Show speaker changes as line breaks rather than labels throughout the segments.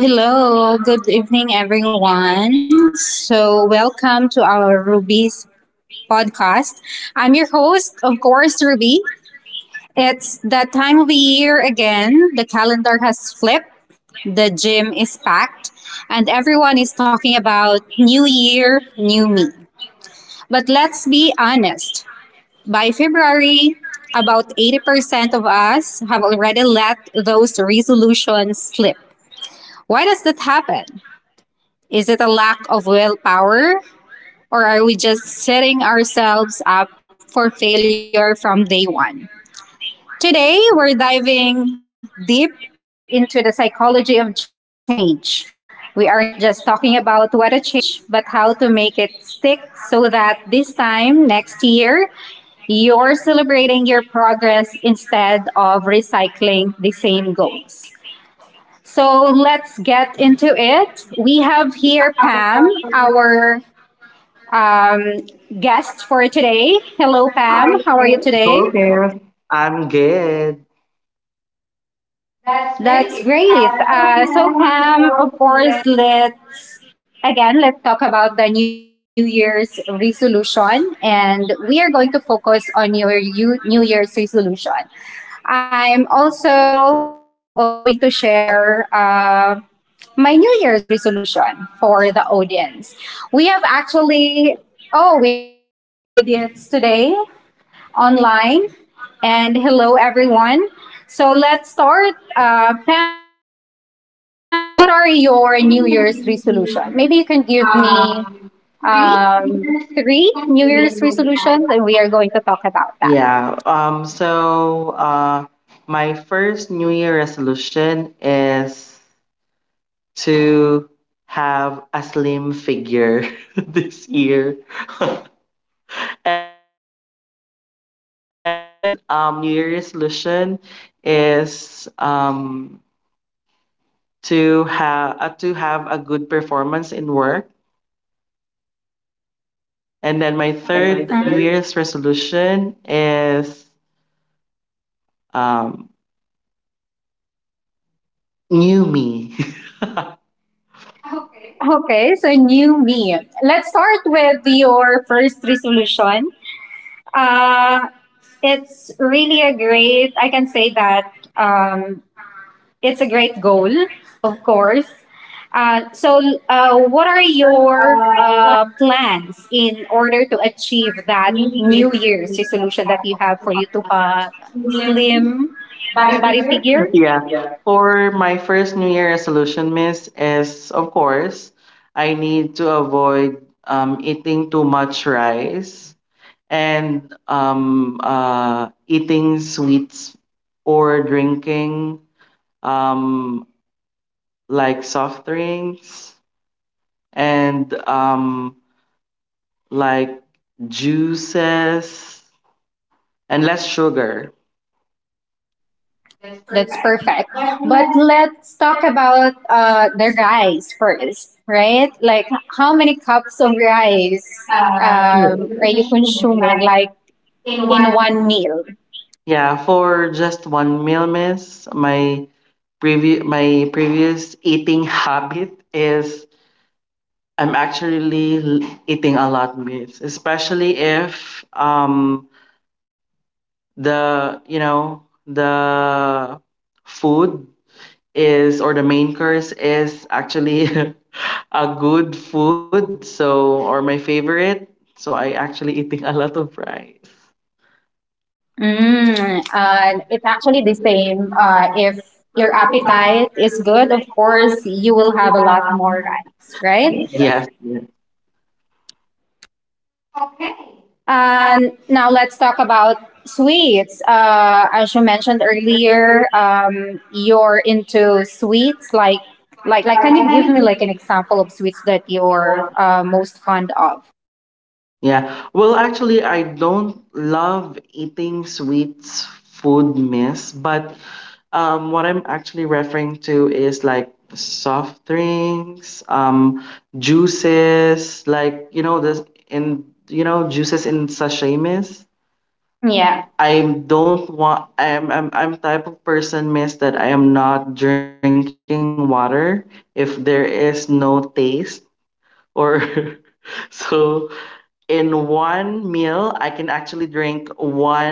Hello, hello. Good evening, everyone. So, welcome to our Ruby's podcast. I'm your host, of course, Ruby. It's that time of the year again. The calendar has flipped, the gym is packed, and everyone is talking about new year, new me. But let's be honest. By February, about 80% of us have already let those resolutions slip. Why does that happen? Is it a lack of willpower, or are we just setting ourselves up for failure from day one? Today, we're diving deep into the psychology of change. We aren't just talking about what to change, but how to make it stick so that this time next year, you're celebrating your progress instead of recycling the same goals. So let's get into it. We have here
Hello,
Pam,
everyone.
our um, guest for today.
How
Hello,
are you
Pam. How
today?
are you
Hello
today?
there. I'm good. That's great.
That's great.
So can I have the
Pam,
fourth
of
minute
course, let's talk about the New Year's resolution, and we are going to focus on your New Year's resolution. I'm also going to share my New Year's resolution for the audience. We have actually, oh, we have a lot of audience today online. And hello, everyone. So let's start. Pam, first question. So, what are your New
reading
Year's
and
resolution?
reading
Maybe you can give me
um, three meters
three
participants
New
and we're
Year's
going to talk
resolutions,
about.
and we are going to talk about that.
Yeah. Um. So, uh, my first New Year resolution is to have a slim figure this year. And my second New Year's resolution is to have a good performance in work. And then my third New
Mhm.
Year's resolution is um, new me. Okay.
Okay, so new me. Let's start with your first resolution. Uh, it's really a great, I can say that um, it's a great goal, of course. Uh, so, what are your
Uh,
plans in order to achieve that
new year.
New Year's resolution that you have for you to have slim
By the
body
year?
figure?
Yeah. For my first New Year resolution, miss, is of course, I need to avoid eating too much rice and eating sweets or drinking um, like soft drinks and like juices and less sugar. That's
That's
perfect.
perfect.
But
But
let's
let's talk about the rice first, right? Like, how many cups of rice
yeah,
are you
definition in
consuming,
life
like
in one
in one
meal.
meal?
Yeah, for just one meal, miss, my my previous eating habit is I'm eating a lot, miss, especially if the you know the food is, or the main course is actually a good food, so, or my favorite, so I actually eating a lot of rice. Mm, uh,
It's
actually,
actually the
in,
same.
uh, in,
If
in
your
Dubai,
appetite
we
is
looking
good, of
forward to
course,
you
you
a
will
lot
have a lot
of money,
more rice,
right?
right?
Yes, yes. Okay.
And now let's talk about sweets. As you mentioned earlier, you're into sweets. Like, like,
Like,
like,
I
can you
think
give me like an example of sweets that
it's your
you're most fond of?
yeah. Well, actually, I don't love eating sweets food, miss, but what I'm actually referring to is like soft drinks, juices, like this in you know juices in sachet, miss.
Yeah,
Yeah. I don't want. I'm type of person, miss, that I am not drinking water if there is no taste or so in one meal, I can actually drink one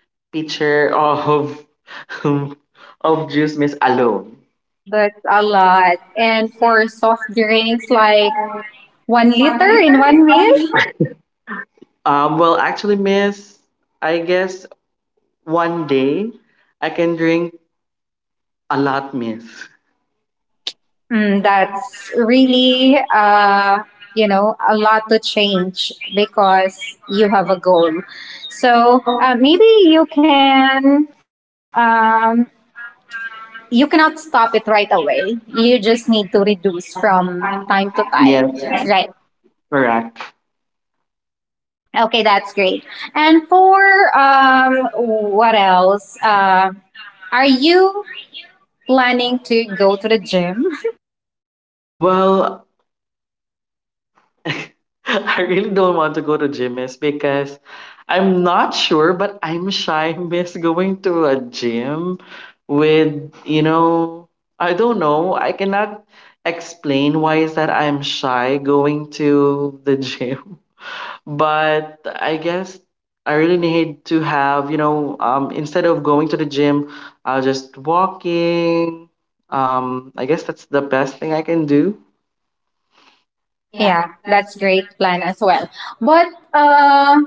pitcher of of juice, Miss, alone.
that's a lot. And for soft drinks, like 1 liter in one meal.
Well, actually, miss, I guess one day I can drink a lot, miss.
Mm, that's really, you know, a lot to change because you have a goal. So maybe you can, you cannot stop it right away. You just need to reduce from time to time.
Yes,
Right.
correct.
Okay, that's great. And for what else? Are you planning to go to the gym?
Well, I really don't want to go to gym is because I'm not sure, but I'm shy miss going to a gym with, you know, I don't know. I cannot explain why is that I'm shy going to the gym. But I guess I really need to have, you know, instead of going to the gym, I'll just walking. I guess that's the best thing I can do.
Yeah, that's great plan as well. But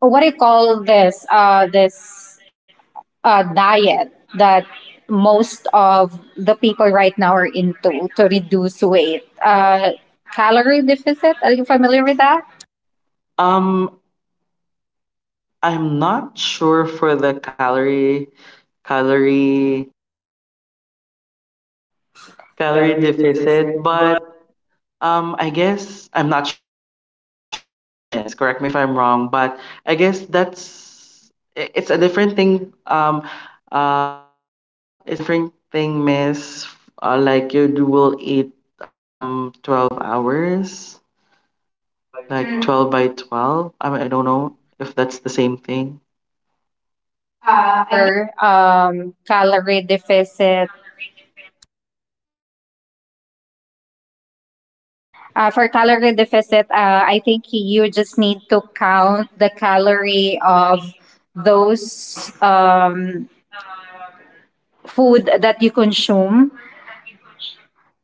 what do you call this? This diet that most of the people right now are into to reduce weight. Calorie deficit. Are you familiar with that?
Um, I'm not sure for the calorie calorie deficit, but I guess I'm not sure, miss. Correct me if I'm wrong, but I guess that's it's a different thing it's a different thing, miss. Like you do will eat 12 hours,
Mm,
like
uh,
mm, 12 by 12. I mean, I don't know if that's the same thing.
I think
Uh, I-
for calorie deficit, for calorie deficit, I think you just need to count the calorie of those food that you consume.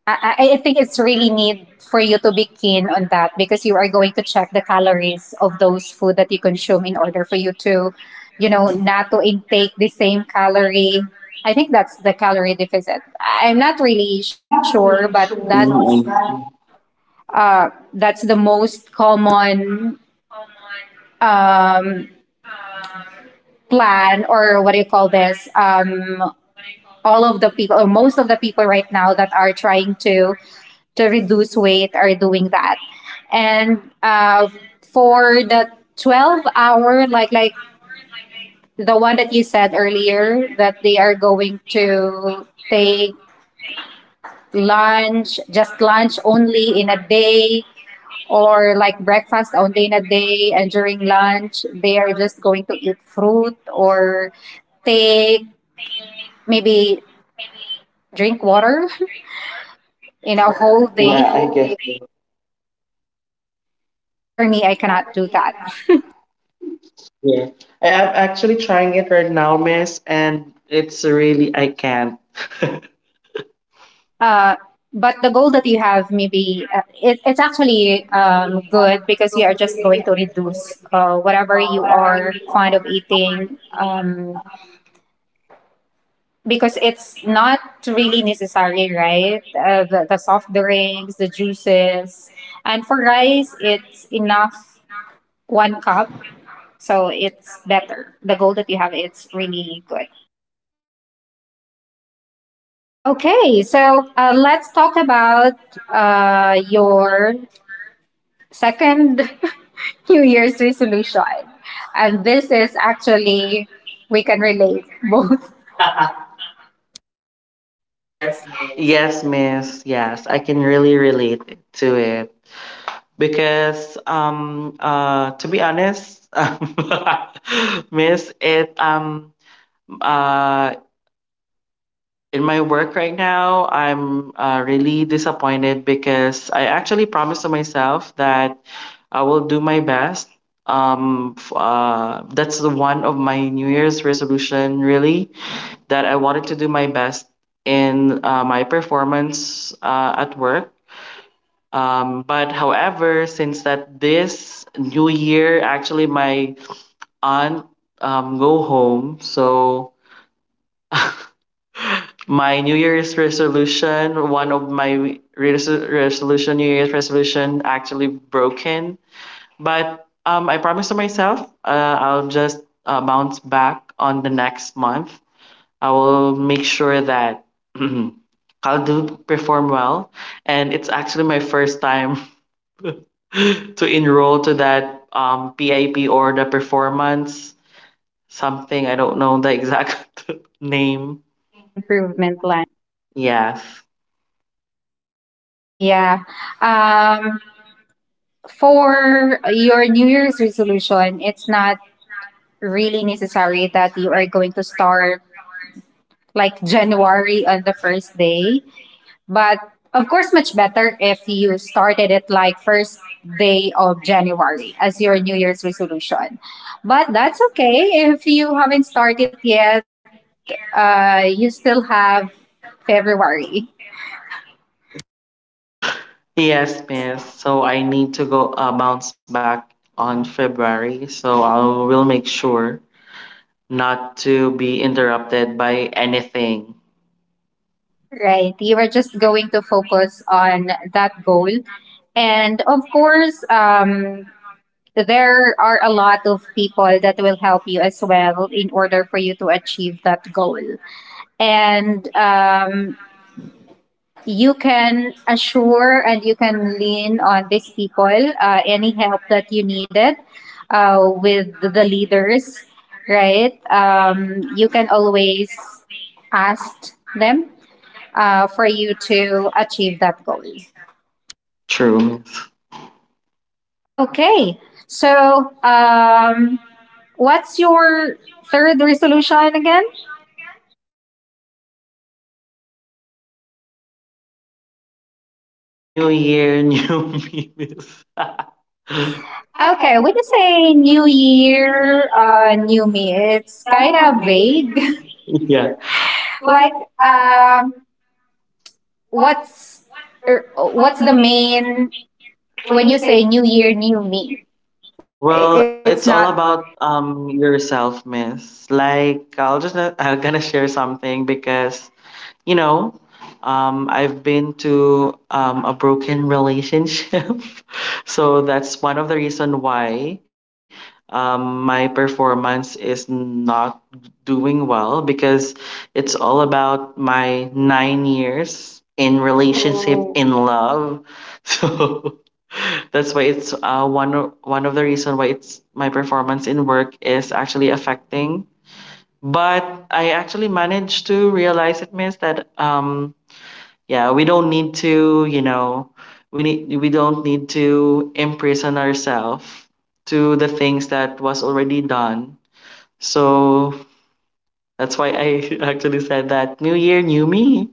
I think it's really need for you to be keen on that because you are going to check the calories of those food that you consume in order for you to, you know, not to intake the same calorie. I think that's the calorie deficit. I'm not really
I'm not
sure,
really
but
sure. Mm, about I that. See.
uh, that's the most common um, plan or what do you call this all of the people or most of the people right now that are trying to reduce weight are doing that and for the 12 hour like the one that you said earlier that they are going to take lunch just lunch only in a day or like breakfast only in a day and during lunch they are just going to eat fruit or take maybe drink water in a whole
Yeah,
day
I guess.
but for me I
But for
cannot do
me, I
that.
cannot do that. Yeah, I am actually trying it right now, miss, and it's really, I can't.
uh, but the goal that you have maybe it's actually
Yeah.
good because
So
you are
the
just
biggest
going
yes
to
is going
reduce
to
whatever you
whatever you
are
are
fond of eating
contemplating, um,
because it's not really necessary, right? The soft drinks, the juices. And for rice, it's enough one cup. So it's better. The goal that you have, it's really good. Okay, so let's talk about your second New Year's resolution. And this is actually, we can relate both
yes, miss, yes, I can really relate to it because to be honest, miss, it uh in my work right now, I'm really disappointed because I actually promised to myself that I will do my best. That's the one of my New Year's resolution, really, that I wanted to do my best in my performance at work. But however, since that this new year, actually, my aunt go home, so my New Year's resolution, one of my resolution, New Year's resolution actually broken. But I promised to myself I'll just bounce back on the next month. I will make sure that I'll do perform well. And it's actually my first time to enroll to that PIP or the performance something. I don't know the exact name.
improvement plan.
Yes.
Yeah. Um, for your New Year's resolution, it's not really necessary that you are going to start like January on the first day. But of course, much better if you started it like first day of January as your New Year's resolution. But that's okay if you haven't started yet. You still have February,
Yes, miss. So I need to go bounce back on February. So I will make sure not to be interrupted by anything.
right? You are just going to focus on that goal. And of course, there are a lot of people that will help you as well in order for you to achieve that goal. And you can assure and you can lean on these people, any help that you needed with the leaders, right? You can always ask them for you to achieve that goal.
True, miss.
Okay, so what's your third resolution again?
New year, new me, miss. Okay,
Okay,
we
when you
say
say new
New Year,
year, new
New
me,
Year. It's
it's
kind
kind
of
of vague.
vague. Yeah. What,
Like,
um, what's,
what's
your- what's
what's
the
the
main,
main
when
when
you
you say
say New
new year,
Year,
new me?
well, it's
It's
all about
not.
yourself, miss. Like I'll gonna share something because you know, I've been to a broken relationship. So that's one of the reason why my performance is not doing well because it's all about my 9 years in
Oh,
relationship in love. So that's why it's one one of the reason why it's my performance in work is actually affecting, but I actually managed to realize it means that yeah, we don't need to, you know, we don't need to imprison ourselves to the things that was already done. So that's why I actually said that new year, new me.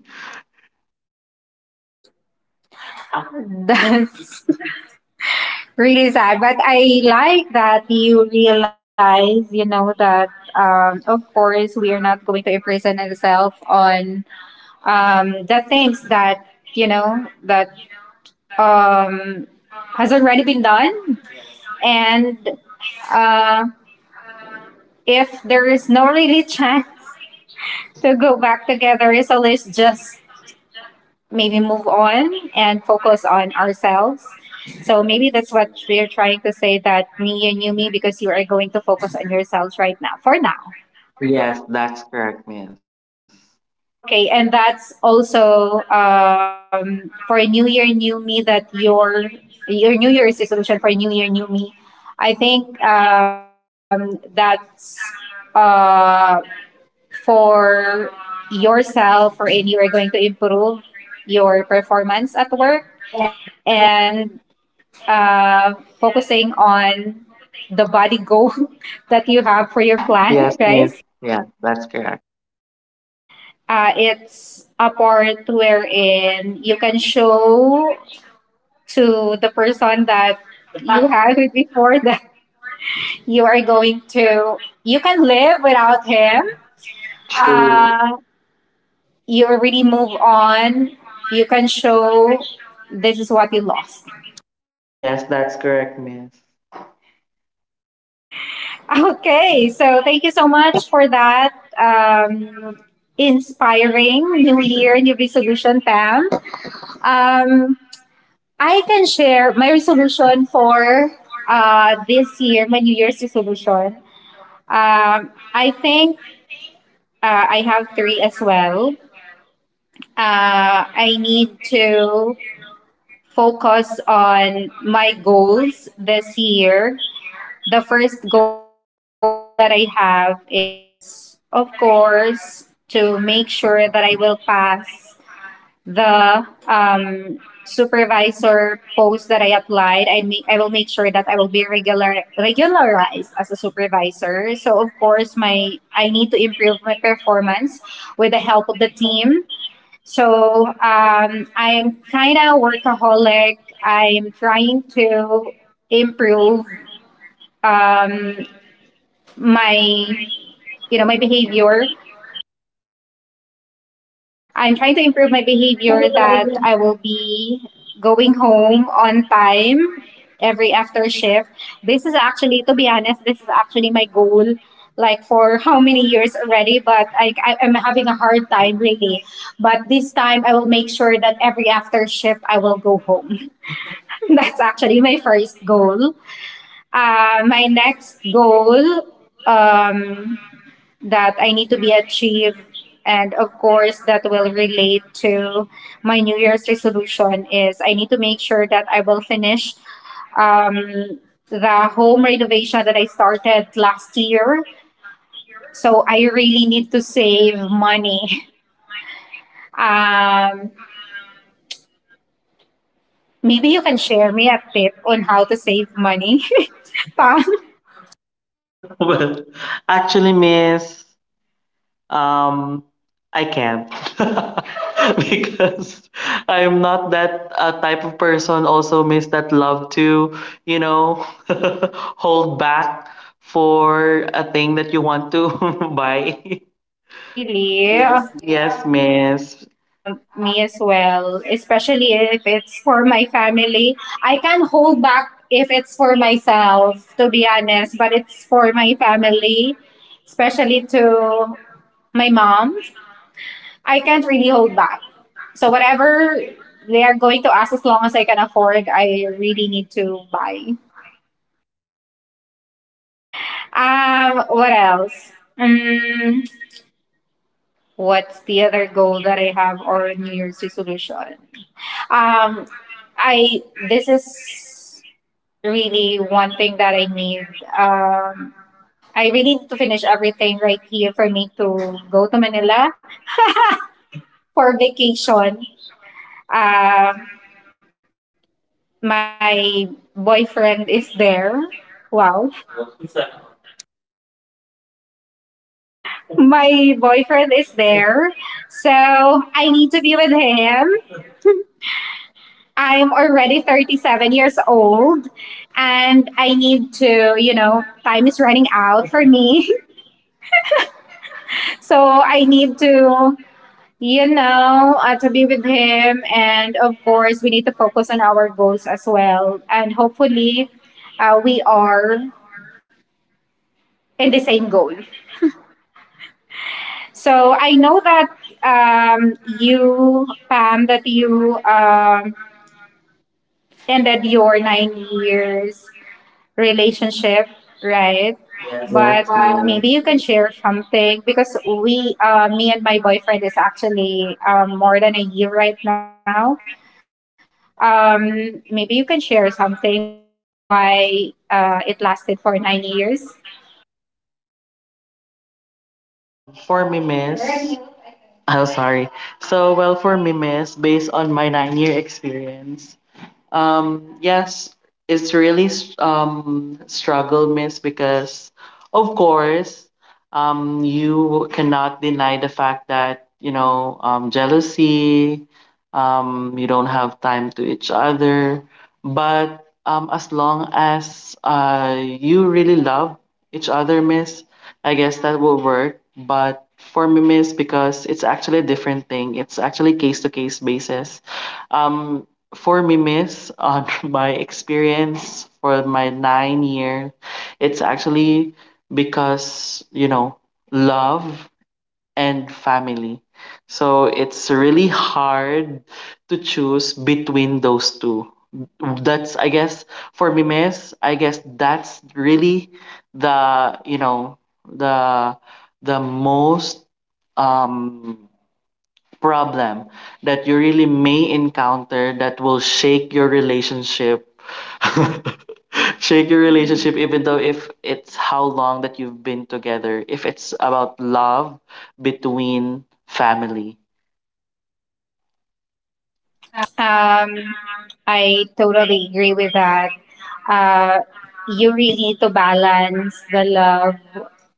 that's really sad. But I like that you realize, you know, that of course we are not going to imprison ourselves on the things that you know that um, has already been done. And uh, if there is no really chance to go back together, so let's just maybe move on and focus on ourselves. So maybe that's what we're trying to say that me and you, me, because you are going to focus on yourselves right now for now.
Yes, that's correct, miss.
Okay, and that's also for New Year, New Me. That your New Year's resolution for New Year, New Me. I think that's uh, for yourself or any you're going to improve your performance at work and uh, focusing on the body goal
Your
that you
plan?
have for
Yes,
your
miss.
plan,
Yes,
right?
that's correct.
It's a part wherein you can show to the person that you had with before that you are going to you can live without him.
True.
Uh, you already move on. You can show this is what you lost.
Yes, that's correct, miss.
Okay, so thank you so much for that um inspiring new year new resolution, Pam. um I can share my resolution for this year, my new year's resolution. I think I have three as well. I need to focus on my goals this year. The first goal that I have is, of course, to make sure that I will pass the supervisor post that I applied. I will make sure that I will be regularized as a supervisor. So of course, my I need to improve my performance with the help of the team. So I'm kind of workaholic. I'm trying to improve um, my, you my behavior. I'm trying to improve my behavior that I will be going home on time every after shift. This is actually, to be honest, this is actually my goal like for how many years already but I am having a hard time really, but this time I will make sure that every after shift I will go home. That's actually my first goal. My next goal um, that I need to be achieved. And of course, that will relate to my New Year's resolution is I need to make sure that I will finish um, the home renovation that I started last year. So I really need to save money. Um, maybe you can share me a tip on how to save money, Pam.
Well, actually, miss. Um, I can't because I'm not that type of person. Also, miss that love to, you know, hold back for a thing that you want to buy.
Really?
Yes, miss.
Me as well, especially if it's for my family. I can hold back if it's for myself, to be honest, but it's for my family, especially to my mom. I can't really hold back. So, whatever they are going to ask, as long as I can afford, I really need to buy. What else? Um, what's the other goal that I have or New Year's resolution? Um, I this is really one thing that I need. Um, I really need to finish everything right here for me to go to Manila for vacation. Um, my boyfriend is there. Wow, my boyfriend is there, so I need to be with him. I'm already 37 years old and I need to, you know, time is running out for me. So I need to, you know, to be with him. And of course, we need to focus on our goals as well. And hopefully, we are in the same goal. So I know that um, you, Pam, that you ended your 9 years relationship, right?
Yes,
But
miss.
maybe you can share something because me and my boyfriend is actually more than a year right now. Maybe you can share something why it lasted for 9 years.
For me, miss. Oh, sorry. So, well, for me, miss, based on my 9 year experience, yes, it's really struggle, miss, because of course, you cannot deny the fact that, you know, jealousy, you don't have time to each other. But as long as you really love each other, miss, I guess that will work. But for me, miss, because it's actually a different thing. It's actually case to case basis um for me, miss, on my experience for my 9 year, it's actually because, you know, love and family. So it's really hard to choose between those two. That's, I guess, for me, miss, I guess that's really the, you know, the, the most um problem that you really may encounter that will shake your relationship shake your relationship even though if it's how long that you've been together if it's about love between family.
Um, I totally agree with that. Uh, you really need to balance the love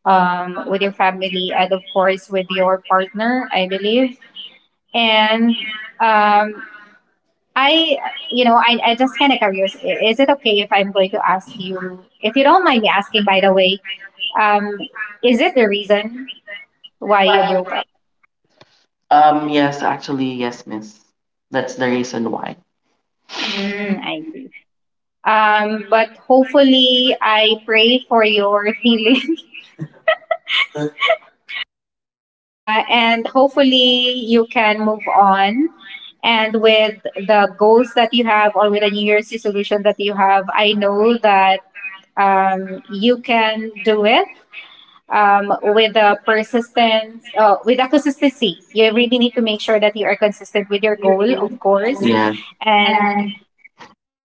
with your family and, of course, with your partner, I believe. And um, I, you know, I just kind of curious. Is it okay if I'm going to ask you, if you don't mind me asking, by the way, um, is it the reason why you
Why you
broke up?
yes, actually, yes, miss, that's the reason why.
Mm, I see. But hopefully, I pray for your healing, and hopefully, you can move on. And with the goals that you have, or with the New Year's resolution that you have, I know that you can do it with the persistence, with the consistency. You really need to make sure that you are consistent with your goal, of course,
Yeah.
and
And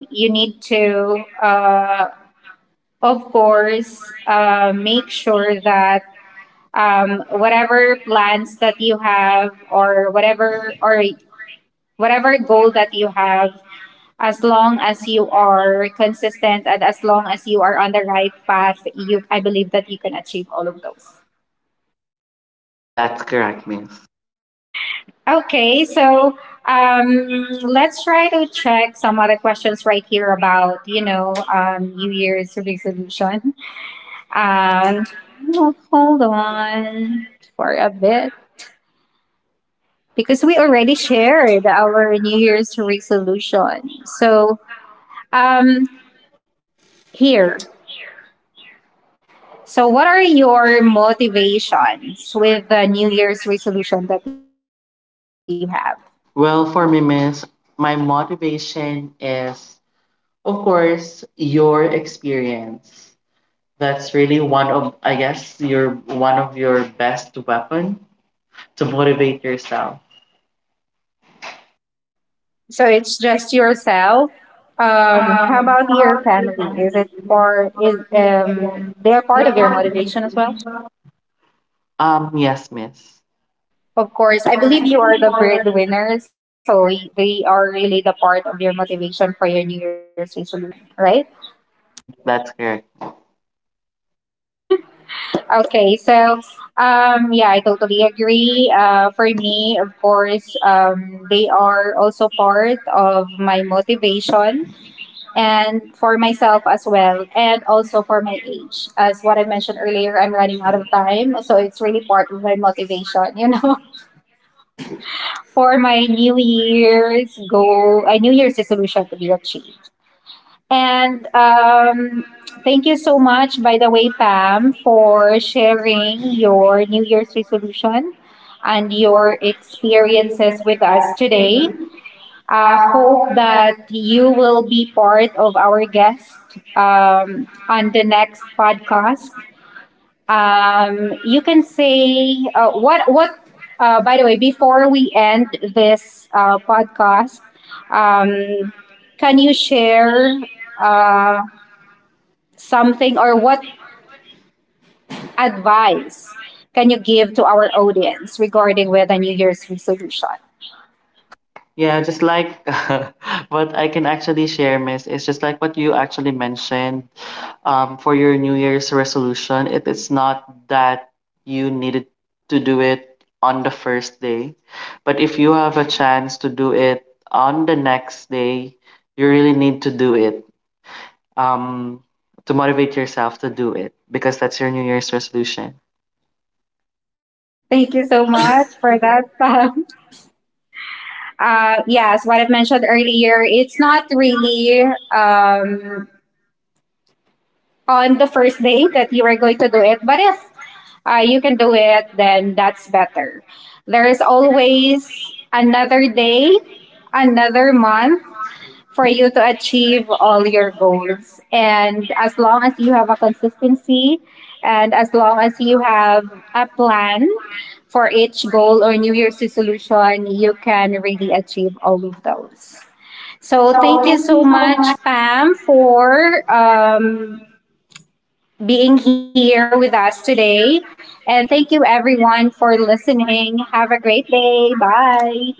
you need to. Of course, make sure that whatever plans that you have or whatever goal that you have, as long as you are consistent and as long as you are on the right path, you I believe that you can achieve all of those.
that's correct, miss.
Okay, so um, let's try to check some other questions right here about you know New Year's resolution. Um, hold on for a bit, because we already shared our New Year's resolution. So, um, here. So, what are your motivations with the New Year's resolution that you have?
Well, for me, miss, my motivation is of course, your experience. That's really one of, I guess, your one of your best weapon to motivate yourself.
So, it's just yourself. How about
How
your
about your
family?
family?
Is it
Is it
part? Is
more food and
They are
they
part of your
have more
motivation as well?
than well? Yes, miss.
Of
Of
course, I
course,
believe
I
you
think
are
it's
the
more than
breadwinner, so they are really the part of your motivation for your New Year's resolution, right?
yes, that's correct.
Okay, so yeah, I totally agree. For me, of course, they are also part of my motivation and for myself as well, and also for my age. As what I mentioned earlier, I'm running out of time, so it's really part of my motivation, you know, for my New Year's goal, a New Year's resolution to be achieved. And Thank you so much, by the way, Pam, for sharing your New Year's resolution and your
Your
experiences
experience
with
as
us
a
today.
student.
I hope
Hope
that you will be part of our guest on the next podcast. You can say what what. By the way, before we end this podcast, um, can you share? Uh, something or what advice can you give to our audience regarding with a New Year's resolution?
yeah, just like what I can actually share, Miss, is just like what you actually mentioned for your New Year's resolution. It is not that you needed to do it on the first day, but if you have a chance to do it on the next day, you really need to do it um, to motivate yourself to do it because that's your New Year's resolution.
Thank you so much for that, Pam. Yes, what I've mentioned earlier, it's not really um, on the first day that you are going to do it, but if you can do it, then that's better. There is always another day, another month, for you to achieve all your goals. And as long as you have a consistency and as long as you have a plan for each goal or New Year's resolution, you can really achieve all of those. So thank
So
you
thank
so
you so
much,
much.
Pam, for being here with us today. And thank you everyone for listening. Have a great day. Bye.